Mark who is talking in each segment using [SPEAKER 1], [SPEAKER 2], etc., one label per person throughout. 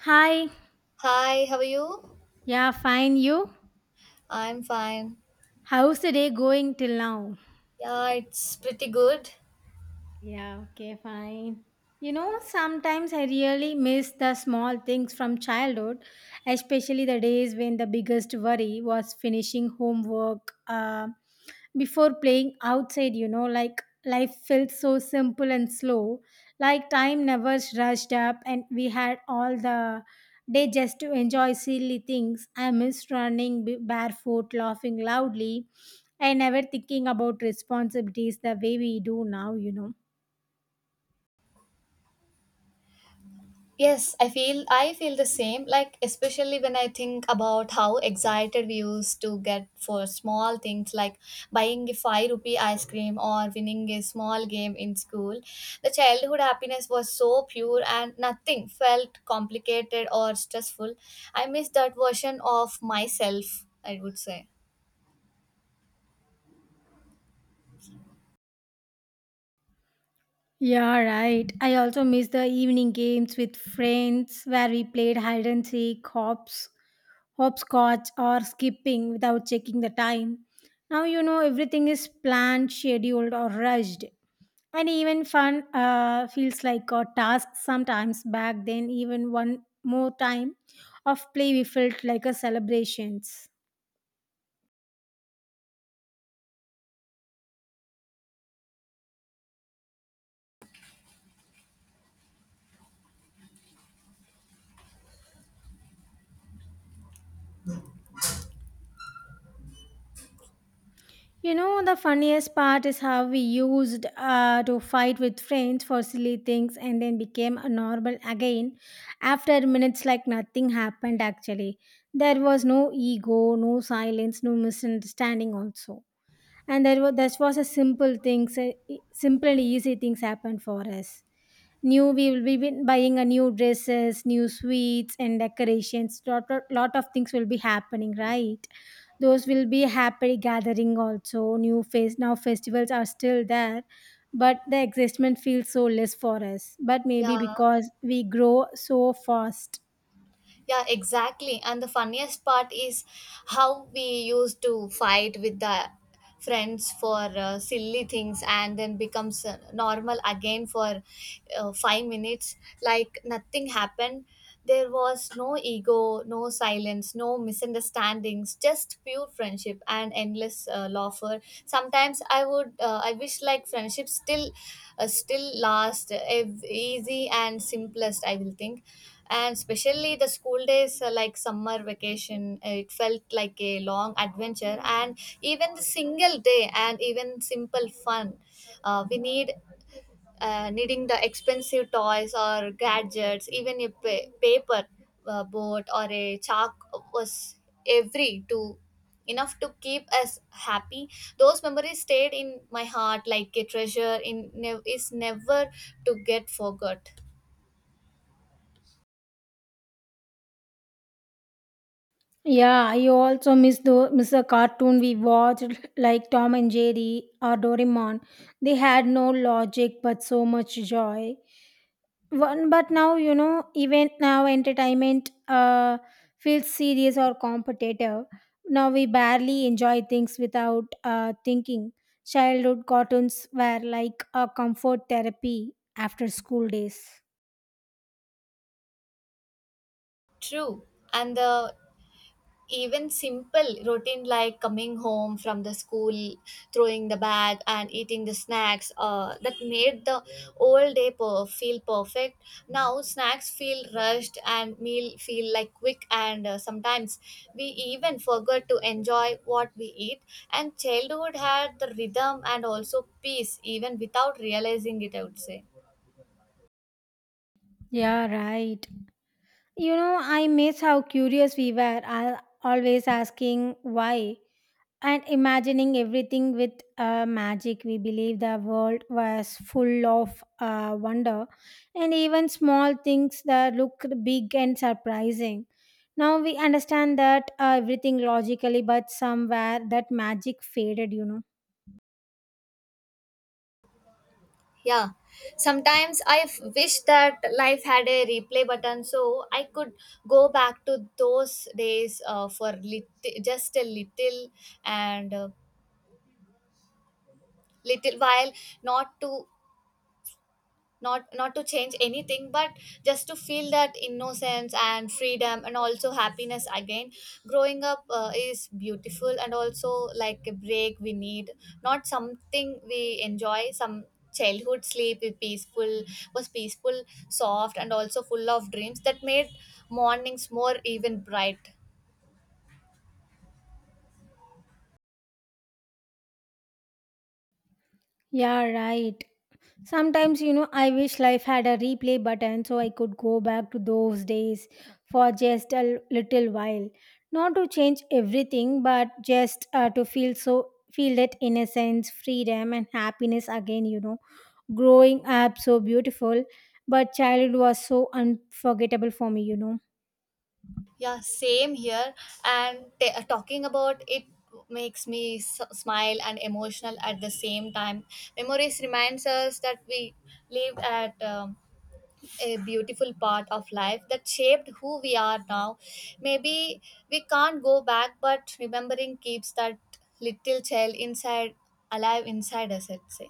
[SPEAKER 1] Hi,
[SPEAKER 2] Hi, how are you?
[SPEAKER 1] yeah, fine. You?
[SPEAKER 2] I'm fine.
[SPEAKER 1] How's the day going till now?
[SPEAKER 2] Yeah, it's pretty good.
[SPEAKER 1] Yeah, okay, fine. Sometimes I really miss the small things from childhood, especially the days when the biggest worry was finishing homework before playing outside. Like life felt so simple and slow, like time never rushed up, and we had all the day just to enjoy silly things. I miss running barefoot, laughing loudly, and never thinking about responsibilities the way we do now.
[SPEAKER 2] Yes, I feel the same. Like especially when I think about how excited we used to get for small things like buying a five rupee ice cream or winning a small game in school. The childhood happiness was so pure and nothing felt complicated or stressful. I miss that version of myself, I would say.
[SPEAKER 1] Yeah, right. I also miss the evening games with friends where we played hide and seek, hops, hopscotch, or skipping without checking the time. Now everything is planned, scheduled, or rushed. And even fun feels like a task sometimes. Back then, even one more time of play, we felt like a celebrations. The funniest part is how we used to fight with friends for silly things and then became a normal again after minutes like nothing happened actually. There was no ego, no silence, no misunderstanding also. And there was, this was a simple things, simple and easy things happened for us, new we will be buying a new dresses, new sweets and decorations, lot, lot, lot of things will be happening, right? Those will be happy gathering also, new face. Now festivals are still there, but the existment feels so less for us, but
[SPEAKER 2] Yeah.
[SPEAKER 1] maybe because we grow so fast.
[SPEAKER 2] Yeah, exactly. And the funniest part is how we used to fight with the friends for silly things and then becomes normal again for 5 minutes like nothing happened. There was no ego, no silence, no misunderstandings, just pure friendship and endless laughter. Sometimes I wish like friendship still last easy and simplest I will think, and especially the school days like summer vacation, it felt like a long adventure, and even the single day and even simple fun, we need needing the expensive toys or gadgets, even a paper boat or a chalk was every to enough to keep us happy. Those memories stayed in my heart like a treasure in is never to get forgot.
[SPEAKER 1] Yeah, I also miss the cartoon we watched, like Tom and Jerry or Doraemon. They had no logic but so much joy. One, but now even now entertainment feels serious or competitive. Now we barely enjoy things without thinking. Childhood cartoons were like a comfort therapy after school days.
[SPEAKER 2] True. And the even simple routine like coming home from the school, throwing the bag and eating the snacks, that made the whole day feel perfect. Now snacks feel rushed and meal feel like quick, and sometimes we even forgot to enjoy what we eat, and childhood had the rhythm and also peace even without realizing it, I would say.
[SPEAKER 1] Yeah, right. I miss how curious we were, I always asking why and imagining everything with magic. We believe the world was full of wonder, and even small things that looked big and surprising. Now we understand that everything logically, but somewhere that magic faded.
[SPEAKER 2] Yeah, sometimes I wish that life had a replay button so I could go back to those days, just a little and little while, not to not to change anything, but just to feel that innocence and freedom and also happiness again. Growing up is beautiful and also like a break we need, not something we enjoy some. Childhood sleep is peaceful, was peaceful, soft and also full of dreams that made mornings more even bright.
[SPEAKER 1] yeah, right. Sometimes, I wish life had a replay button so I could go back to those days for just a little while. Not to change everything, but just to feel feel that innocence, freedom, and happiness again. Growing up so beautiful, but childhood was so unforgettable for me.
[SPEAKER 2] Yeah, same here. And talking about it makes me smile and emotional at the same time. Memories reminds us that we lived at a beautiful part of life that shaped who we are now. Maybe we can't go back, but remembering keeps that little child inside alive inside us, I'd say.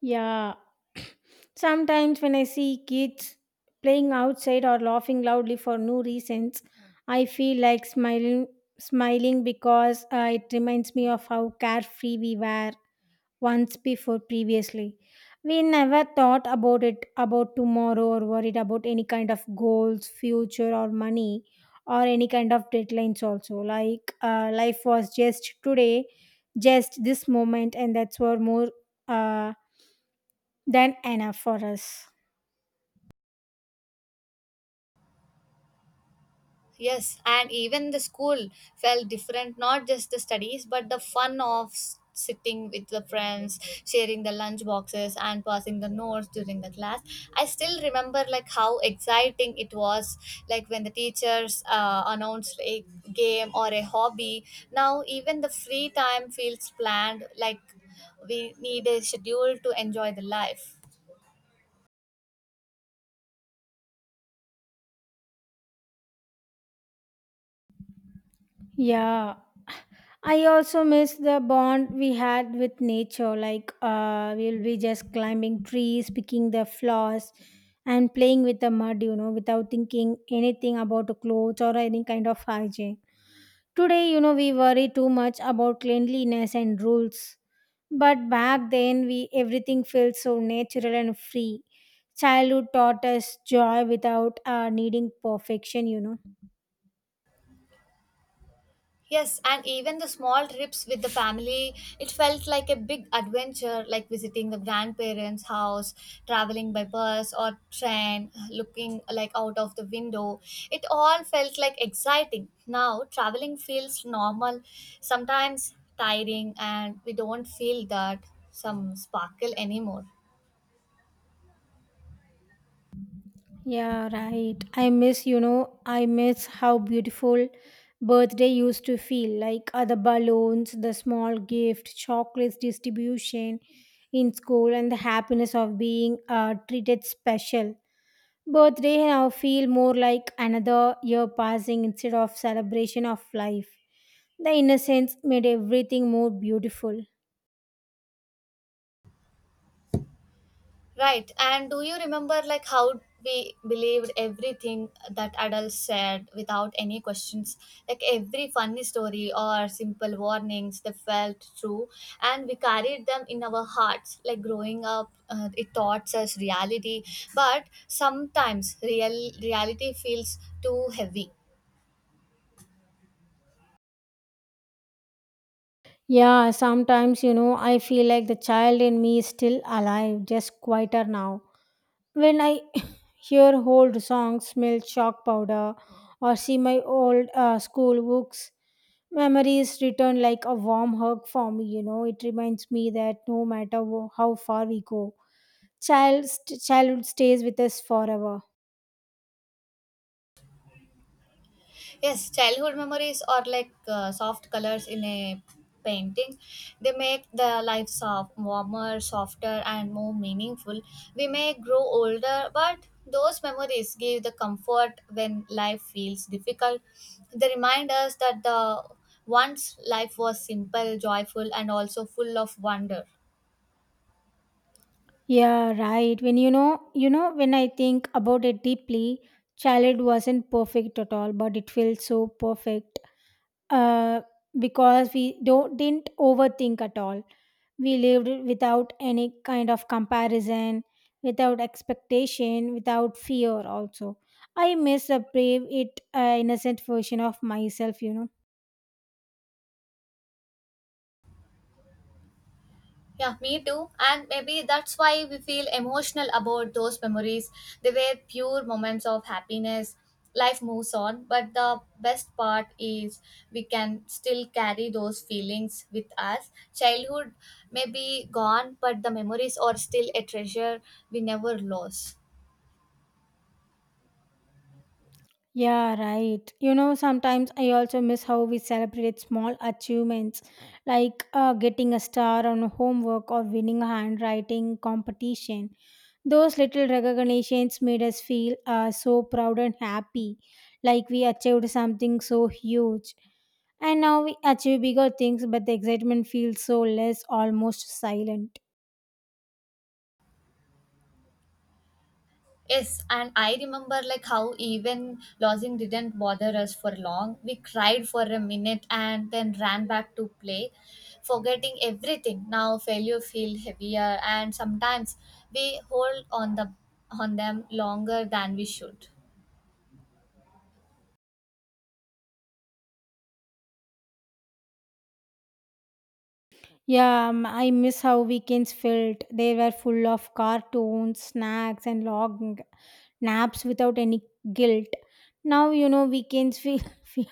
[SPEAKER 1] Yeah, sometimes, when I see kids playing outside or laughing loudly for no reasons, I feel like smiling, smiling because it reminds me of how carefree we were once before previously. We never thought about it, about tomorrow, or worried about any kind of goals, future, or money, or any kind of deadlines, also. Like life was just today, just this moment, and that's were more uh, than enough for us.
[SPEAKER 2] Yes, and even the school felt different, not just the studies, but the fun of sitting with the friends, sharing the lunch boxes, and passing the notes during the class. I still remember like how exciting it was, like when the teachers announced a game or a hobby. Now even the free time feels planned, like we need a schedule to enjoy the life.
[SPEAKER 1] Yeah, I also miss the bond we had with nature. Like, we'll be just climbing trees, picking the flowers, and playing with the mud, without thinking anything about clothes or any kind of hygiene. Today, we worry too much about cleanliness and rules. But back then, we everything felt so natural and free. Childhood taught us joy without needing perfection,
[SPEAKER 2] Yes, and even the small trips with the family, it felt like a big adventure, like visiting the grandparents' house, traveling by bus or train, looking like out of the window. It all felt like exciting. Now, traveling feels normal, sometimes tiring, and we don't feel that some sparkle anymore.
[SPEAKER 1] Yeah, right. I miss, I miss how beautiful birthday used to feel, like the balloons, the small gift, chocolates distribution in school, and the happiness of being treated special. Birthday now feel more like another year passing instead of celebration of life. The innocence made everything more beautiful.
[SPEAKER 2] Right. And do you remember like how we believed everything that adults said without any questions? Like every funny story or simple warnings, they felt true, and we carried them in our hearts. Like growing up, it taught us reality, but sometimes real reality feels too heavy.
[SPEAKER 1] Yeah, sometimes, I feel like the child in me is still alive, just quieter now. When I hear old songs, smell chalk powder, or see my old school books. Memories return like a warm hug for me. It reminds me that no matter how far we go, childhood stays with us forever.
[SPEAKER 2] Yes, childhood memories are like soft colors in a painting. They make the life soft, warmer, softer, and more meaningful. We may grow older, but those memories give the comfort when life feels difficult. They remind us that the once life was simple, joyful, and also full of wonder.
[SPEAKER 1] Yeah, right. When when I think about it deeply, childhood wasn't perfect at all, but it feels so perfect uh, because we don't didn't overthink at all. We lived without any kind of comparison, without expectation, without fear. Also, I miss the brave, it innocent version of myself.
[SPEAKER 2] Yeah, me too. And maybe that's why we feel emotional about those memories. They were pure moments of happiness. Life moves on, but the best part is we can still carry those feelings with us. Childhood may be gone, but the memories are still a treasure we never lose.
[SPEAKER 1] Yeah, right. Sometimes I also miss how we celebrate small achievements, like getting a star on homework or winning a handwriting competition. Those little recognitions made us feel so proud and happy, like we achieved something so huge. And now we achieve bigger things, but the excitement feels so less, almost silent.
[SPEAKER 2] Yes, and I remember like how even losing didn't bother us for long. We cried for a minute and then ran back to play, forgetting everything. Now failure feel heavier and sometimes we hold on them longer than we should.
[SPEAKER 1] Yeah, I miss how weekends felt. They were full of cartoons, snacks, and long naps without any guilt. Now, weekends feel,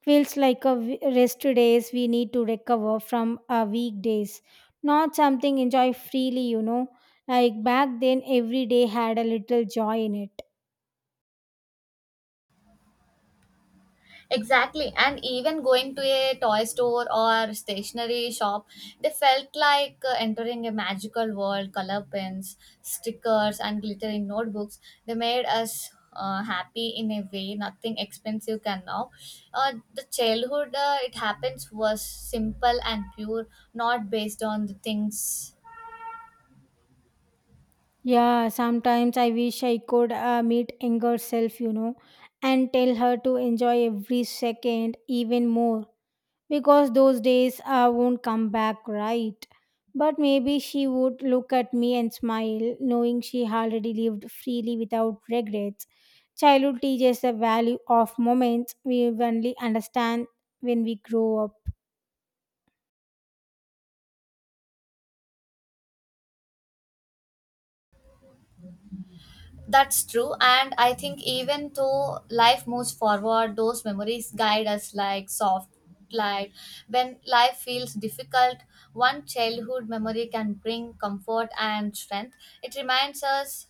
[SPEAKER 1] feels like a rest days we need to recover from our weekdays, not something enjoy freely. Like back then, every day had a little joy in it.
[SPEAKER 2] Exactly. And even going to a toy store or stationery shop, they felt like entering a magical world. Color pens, stickers, and glittering notebooks. They made us happy in a way nothing expensive can now. The childhood, it happens was simple and pure, not based on the things.
[SPEAKER 1] Yeah, sometimes I wish I could meet younger self, and tell her to enjoy every second even more, because those days I won't come back, right? But maybe she would look at me and smile, knowing she already lived freely without regrets. Childhood teaches the value of moments we only understand when we grow up.
[SPEAKER 2] That's true. And I think even though life moves forward, those memories guide us like soft light. When life feels difficult, one childhood memory can bring comfort and strength. It reminds us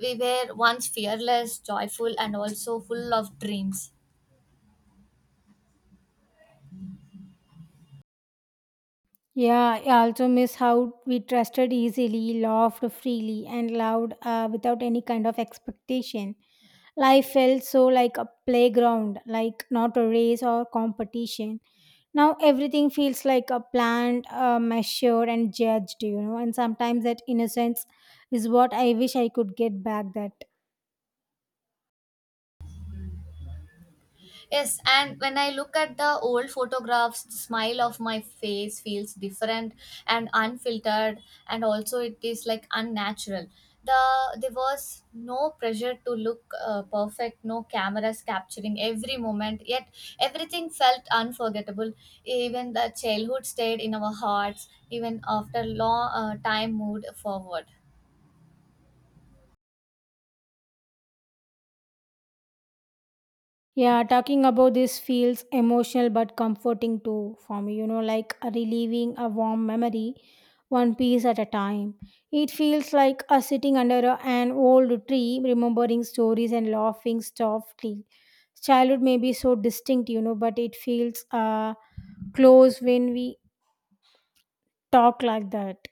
[SPEAKER 2] we were once fearless, joyful, and also full of dreams.
[SPEAKER 1] Yeah, I also miss how we trusted easily, laughed freely, and loved without any kind of expectation. Life felt so like a playground, like not a race or competition. Now everything feels like a planned, measured, and judged, And sometimes that innocence is what I wish I could get back. That
[SPEAKER 2] Yes, and when I look at the old photographs, the smile of my face feels different and unfiltered, and also it is like unnatural. There was no pressure to look perfect, no cameras capturing every moment, yet everything felt unforgettable. Even the childhood stayed in our hearts, even after long time moved forward.
[SPEAKER 1] yeah, talking about this feels emotional but comforting too for me, like a relieving a warm memory one piece at a time. It feels like a sitting under an old tree, remembering stories and laughing softly. Childhood may be so distinct, but it feels close when we talk like that.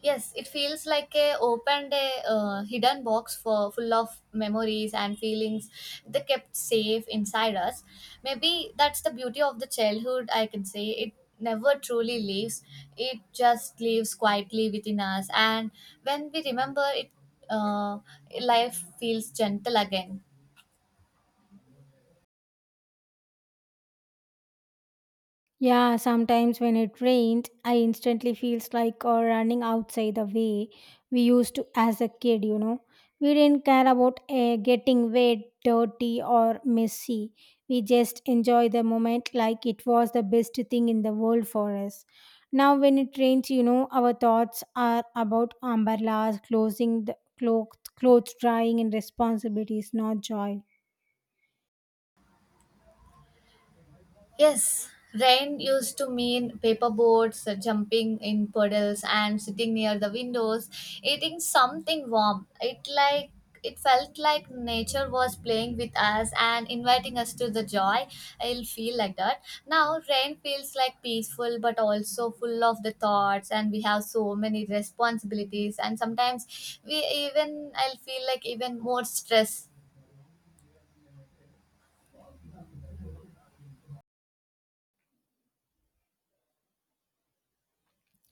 [SPEAKER 2] Yes, it feels like a opened a hidden box for full of memories and feelings they kept safe inside us. Maybe that's the beauty of the childhood. I can say it never truly leaves. It just lives quietly within us, and when we remember it, uh, life feels gentle again.
[SPEAKER 1] Yeah, sometimes when it rained, I instantly feels like running outside the way we used to as a kid, We didn't care about getting wet, dirty or messy. We just enjoy the moment like it was the best thing in the world for us. Now when it rains, our thoughts are about umbrellas, closing the clothes, clothes drying and responsibilities, not joy.
[SPEAKER 2] Yes, rain used to mean paper boats, jumping in puddles, and sitting near the windows, eating something warm. It like it felt like nature was playing with us and inviting us to the joy. I'll feel like that. Now rain feels like peaceful but also full of the thoughts, and we have so many responsibilities, and sometimes we even I'll feel like even more stress.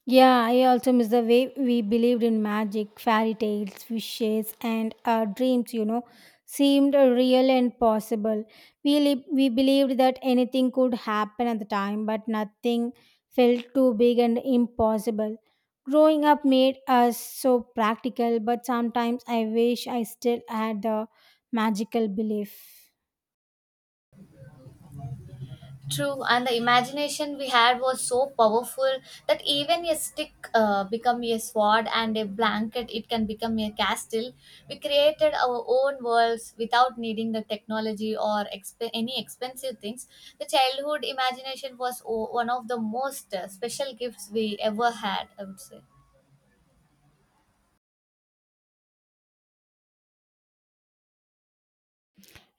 [SPEAKER 1] Yeah, I also miss the way we believed in magic, fairy tales, wishes, and our dreams, seemed real and possible. We believed that anything could happen at the time, but nothing felt too big and impossible. Growing up made us so practical, but sometimes I wish I still had the magical belief.
[SPEAKER 2] True, and the imagination we had was so powerful that even a stick become a sword and a blanket it can become a castle. We created our own worlds without needing the technology or any expensive things. The childhood imagination was one of the most special gifts we ever had, I would say.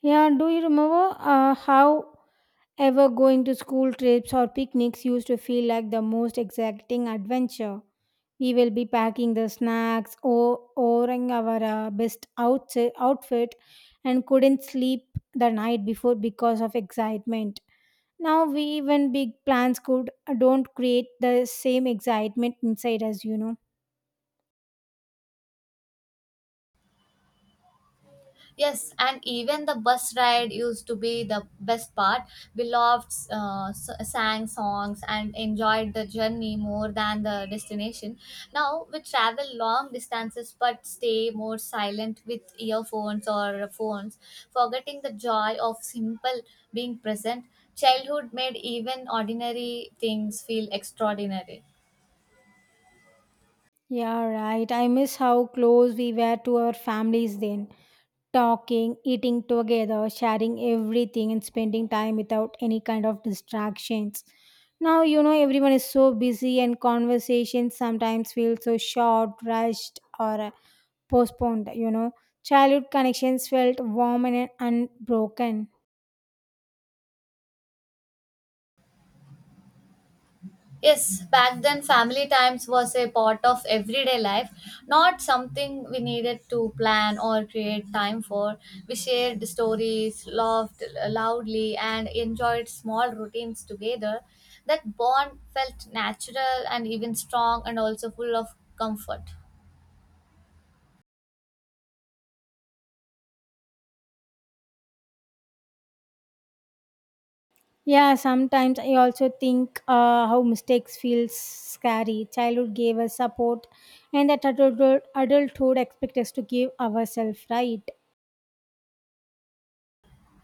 [SPEAKER 1] Yeah, do you remember how? Ever going to school trips or picnics used to feel like the most exciting adventure. We will be packing the snacks or ordering our best outfit and couldn't sleep the night before because of excitement. Now we even big plans could don't create the same excitement inside us,
[SPEAKER 2] Yes, and even the bus ride used to be the best part. We loved, sang songs, and enjoyed the journey more than the destination. Now we travel long distances but stay more silent with earphones or phones, forgetting the joy of simple being present. Childhood made even ordinary things feel extraordinary.
[SPEAKER 1] Yeah, right. I miss how close we were to our families then, talking, eating together, sharing everything, and spending time without any kind of distractions. Now, everyone is so busy, and conversations sometimes feel so short, rushed, or postponed. Childhood connections felt warm and unbroken.
[SPEAKER 2] Yes, back then family times was a part of everyday life, not something we needed to plan or create time for. We shared stories, laughed loudly, and enjoyed small routines together. That bond felt natural and even strong, and also full of comfort.
[SPEAKER 1] Yeah, sometimes I also think how mistakes feel scary. Childhood gave us support, and that adulthood expects us to give ourselves, right?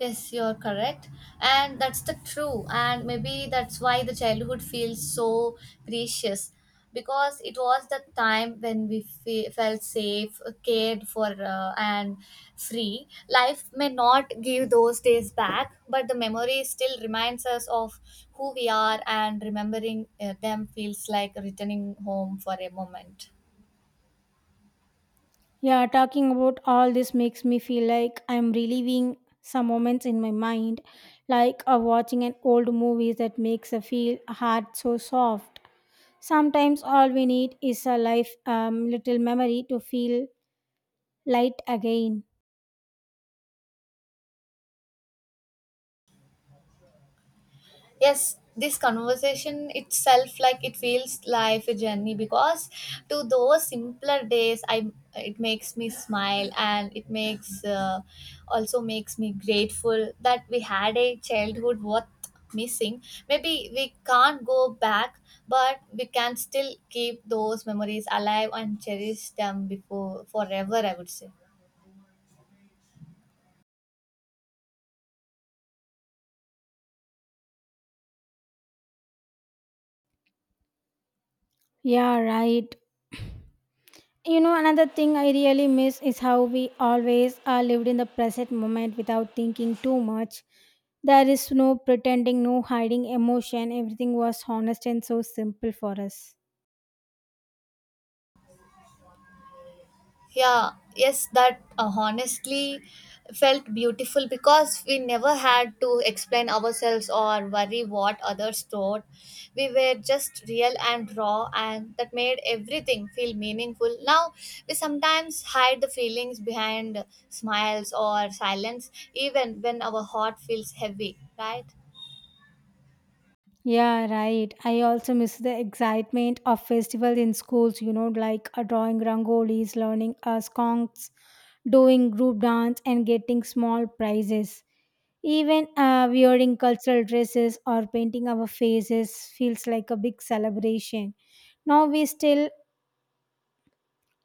[SPEAKER 2] Yes, you're correct. And that's the true. And maybe that's why the childhood feels so precious because it was the time when we felt safe, cared for, and free. Life may not give those days back, but the memory still reminds us of who we are, and remembering them feels like returning home for a moment.
[SPEAKER 1] Yeah, talking about all this makes me feel like I'm reliving some moments in my mind, like watching an old movie that makes a feel heart so soft. Sometimes all we need is a life little memory to feel light again.
[SPEAKER 2] Yes, this conversation itself like it feels like a journey, because to those simpler days, I, it makes me smile and it makes, also makes me grateful that we had a childhood worth missing. Maybe we can't go back, but we can still keep those memories alive and cherish them before forever, I would say.
[SPEAKER 1] Yeah, right. Another thing I really miss is how we always are lived in the present moment without thinking too much. There is no pretending, no hiding emotion. Everything was honest and so simple for us.
[SPEAKER 2] Yeah, yes, that honestly felt beautiful because we never had to explain ourselves or worry what others thought. We were just real and raw, and that made everything feel meaningful. Now we sometimes hide the feelings behind smiles or silence even when our heart feels heavy, right?
[SPEAKER 1] Yeah, right. I also miss the excitement of festival in schools, like drawing rangolis, learning songs, doing group dance, and getting small prizes. Even wearing cultural dresses or painting our faces feels like a big celebration. Now we still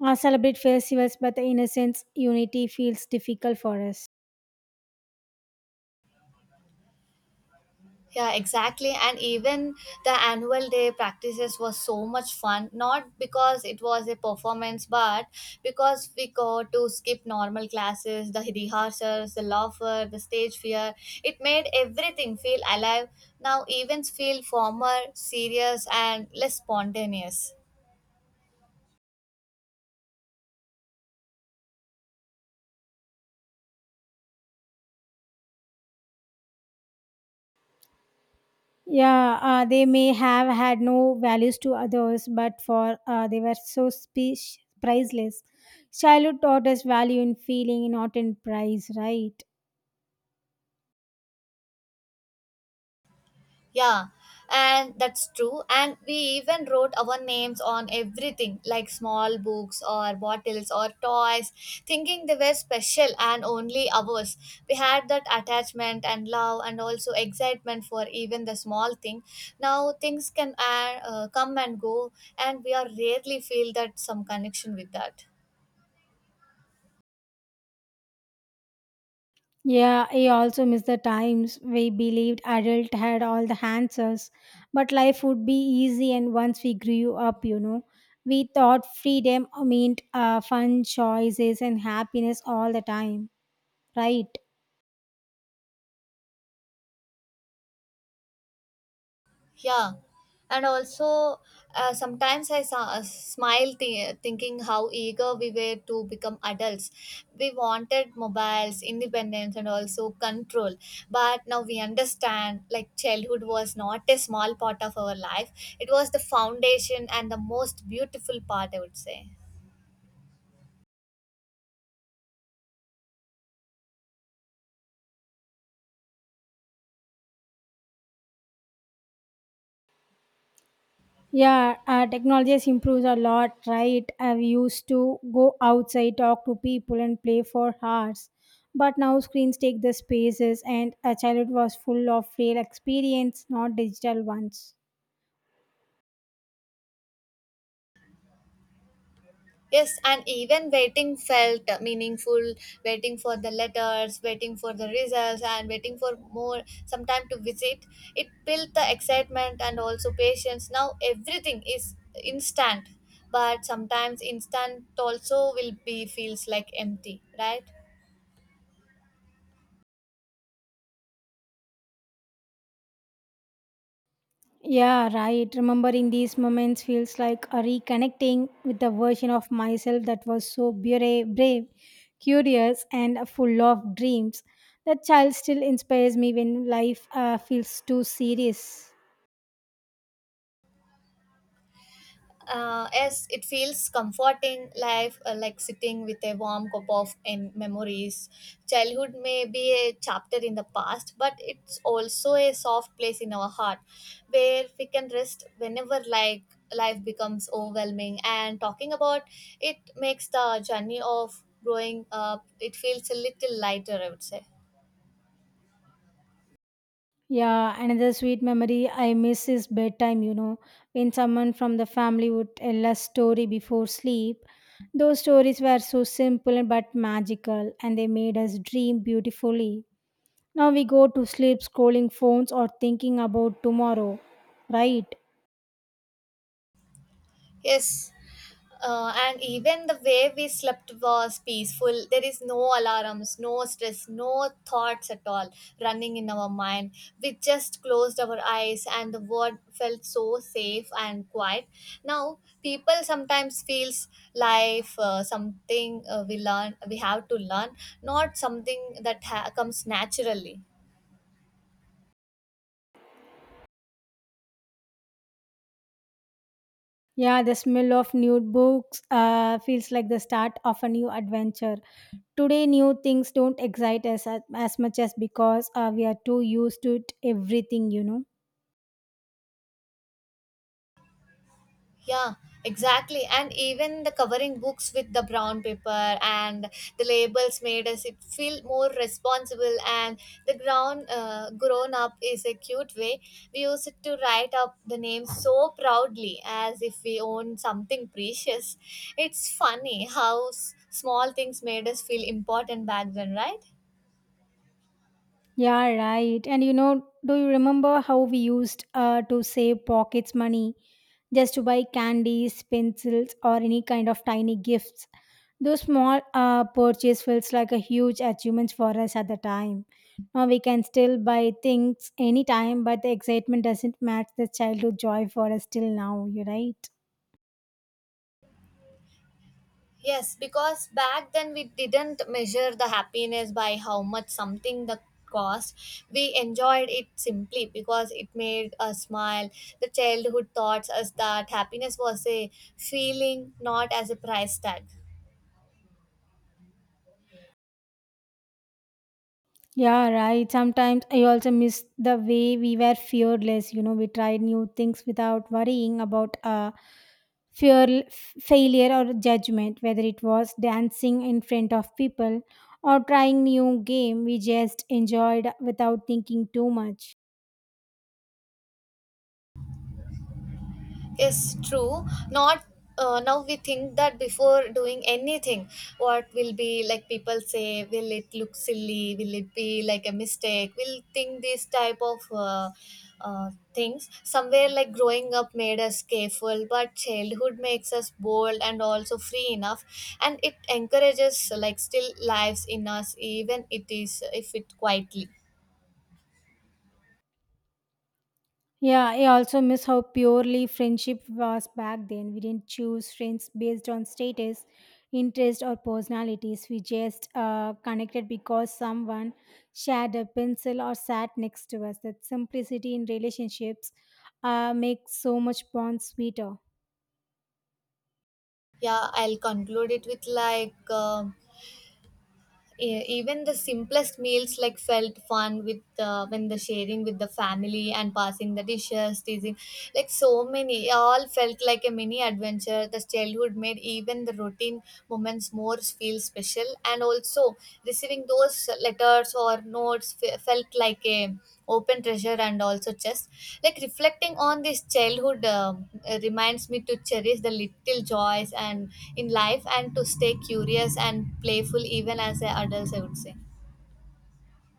[SPEAKER 1] celebrate festivals, but the innocence, unity feels difficult for us.
[SPEAKER 2] Yeah, exactly. And even the annual day practices was so much fun, not because it was a performance, but because we got to skip normal classes, the rehearsals, the laughter, the stage fear. It made everything feel alive. Now events feel formal, serious, and less spontaneous.
[SPEAKER 1] Yeah, they may have had no values to others, but for they were so speech priceless. Childhood taught us value in feeling, not in price, right?
[SPEAKER 2] Yeah, and that's true. And we even wrote our names on everything, like small books or bottles or toys, thinking they were special and only ours. We had that attachment and love and also excitement for even the small thing. Now things can come and go, and we are rarely feel that some connection with that.
[SPEAKER 1] Yeah, I also miss the times we believed adult had all the answers, but life would be easy. And once we grew up, we thought freedom meant fun choices and happiness all the time, right?
[SPEAKER 2] Yeah, and also sometimes I smile thinking how eager we were to become adults. We wanted mobiles, independence, and also control. But now we understand like childhood was not a small part of our life, it was the foundation and the most beautiful part, I would say.
[SPEAKER 1] Yeah, technology has improved a lot, right? I used to go outside, talk to people, and play for hours. But now screens take the spaces, and a childhood was full of real experience, not digital ones.
[SPEAKER 2] Yes, and even waiting felt meaningful. Waiting for the letters, waiting for the results, and waiting for more some time to visit. It built the excitement and also patience. Now everything is instant, but sometimes instant also will be feels like empty, right?
[SPEAKER 1] Yeah, right. Remembering these moments feels like a reconnecting with the version of myself that was so brave, curious, and full of dreams. That child still inspires me when life feels too serious.
[SPEAKER 2] Yes, it feels comforting life like sitting with a warm cup of memories. Childhood may be a chapter in the past, but it's also a soft place in our heart where we can rest whenever, like life becomes overwhelming, and talking about it makes the journey of growing up, it feels a little lighter, I would say.
[SPEAKER 1] Yeah, another sweet memory I miss is bedtime, when someone from the family would tell a story before sleep. Those stories were so simple but magical, and they made us dream beautifully. Now we go to sleep scrolling phones or thinking about tomorrow, right?
[SPEAKER 2] Yes. And even the way we slept was peaceful. There is no alarms, no stress, no thoughts at all running in our mind. We just closed our eyes, and the world felt so safe and quiet. Now, people sometimes feels life something we have to learn, not something that comes naturally.
[SPEAKER 1] Yeah, the smell of new books feels like the start of a new adventure. Today, new things don't excite us as much as because we are too used to it, everything,
[SPEAKER 2] Yeah, exactly. And even the covering books with the brown paper and the labels made us it feel more responsible. And the ground grown up is a cute way. We used it to write up the name so proudly as if we own something precious. It's funny how small things made us feel important back then, right?
[SPEAKER 1] Yeah, right. And do you remember how we used to save pockets money just to buy candies, pencils, or any kind of tiny gifts? Those small purchase feels like a huge achievement for us at the time. Now we can still buy things anytime, but the excitement doesn't match the childhood joy for us till now. You're right.
[SPEAKER 2] Yes, because back then we didn't measure the happiness by how much something the cost. We enjoyed it simply because it made us smile. The childhood taught us that happiness was a feeling, not as a price tag.
[SPEAKER 1] Yeah, right. Sometimes I also miss the way we were fearless. We tried new things without worrying about fear failure or judgment, whether it was dancing in front of people or trying new game. We just enjoyed without thinking too much.
[SPEAKER 2] Is true, not, now we think that before doing anything what will be like people say, will it look silly, will it be like a mistake, we'll think these type of things. Somewhere like growing up made us careful, but childhood makes us bold and also free enough, and it encourages like still lives in us even it is if it quietly.
[SPEAKER 1] Yeah, I also miss how purely friendship was back then. We didn't choose friends based on status, interest or personalities. We just connected because someone shared a pencil or sat next to us. That simplicity in relationships makes so much bond sweeter.
[SPEAKER 2] Yeah, I'll conclude it with like, even the simplest meals like felt fun with, when the sharing with the family and passing the dishes teasing, like so many, all felt like a mini adventure. The childhood made even the routine moments more feel special, and also receiving having those letters or notes felt like a open treasure, and also just like reflecting on this childhood, reminds me to cherish the little joys and in life, and to stay curious and playful even as an adult, I would say.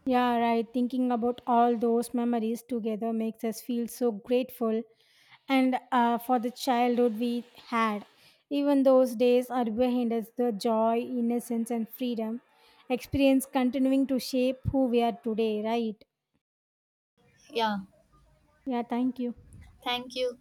[SPEAKER 1] Yeah, right. Thinking about all those memories together makes us feel so grateful and for the childhood we had. Even those days are behind us, the joy, innocence, and freedom experience continuing to shape who we are today, right?
[SPEAKER 2] Yeah,
[SPEAKER 1] Yeah, thank you.
[SPEAKER 2] thank you.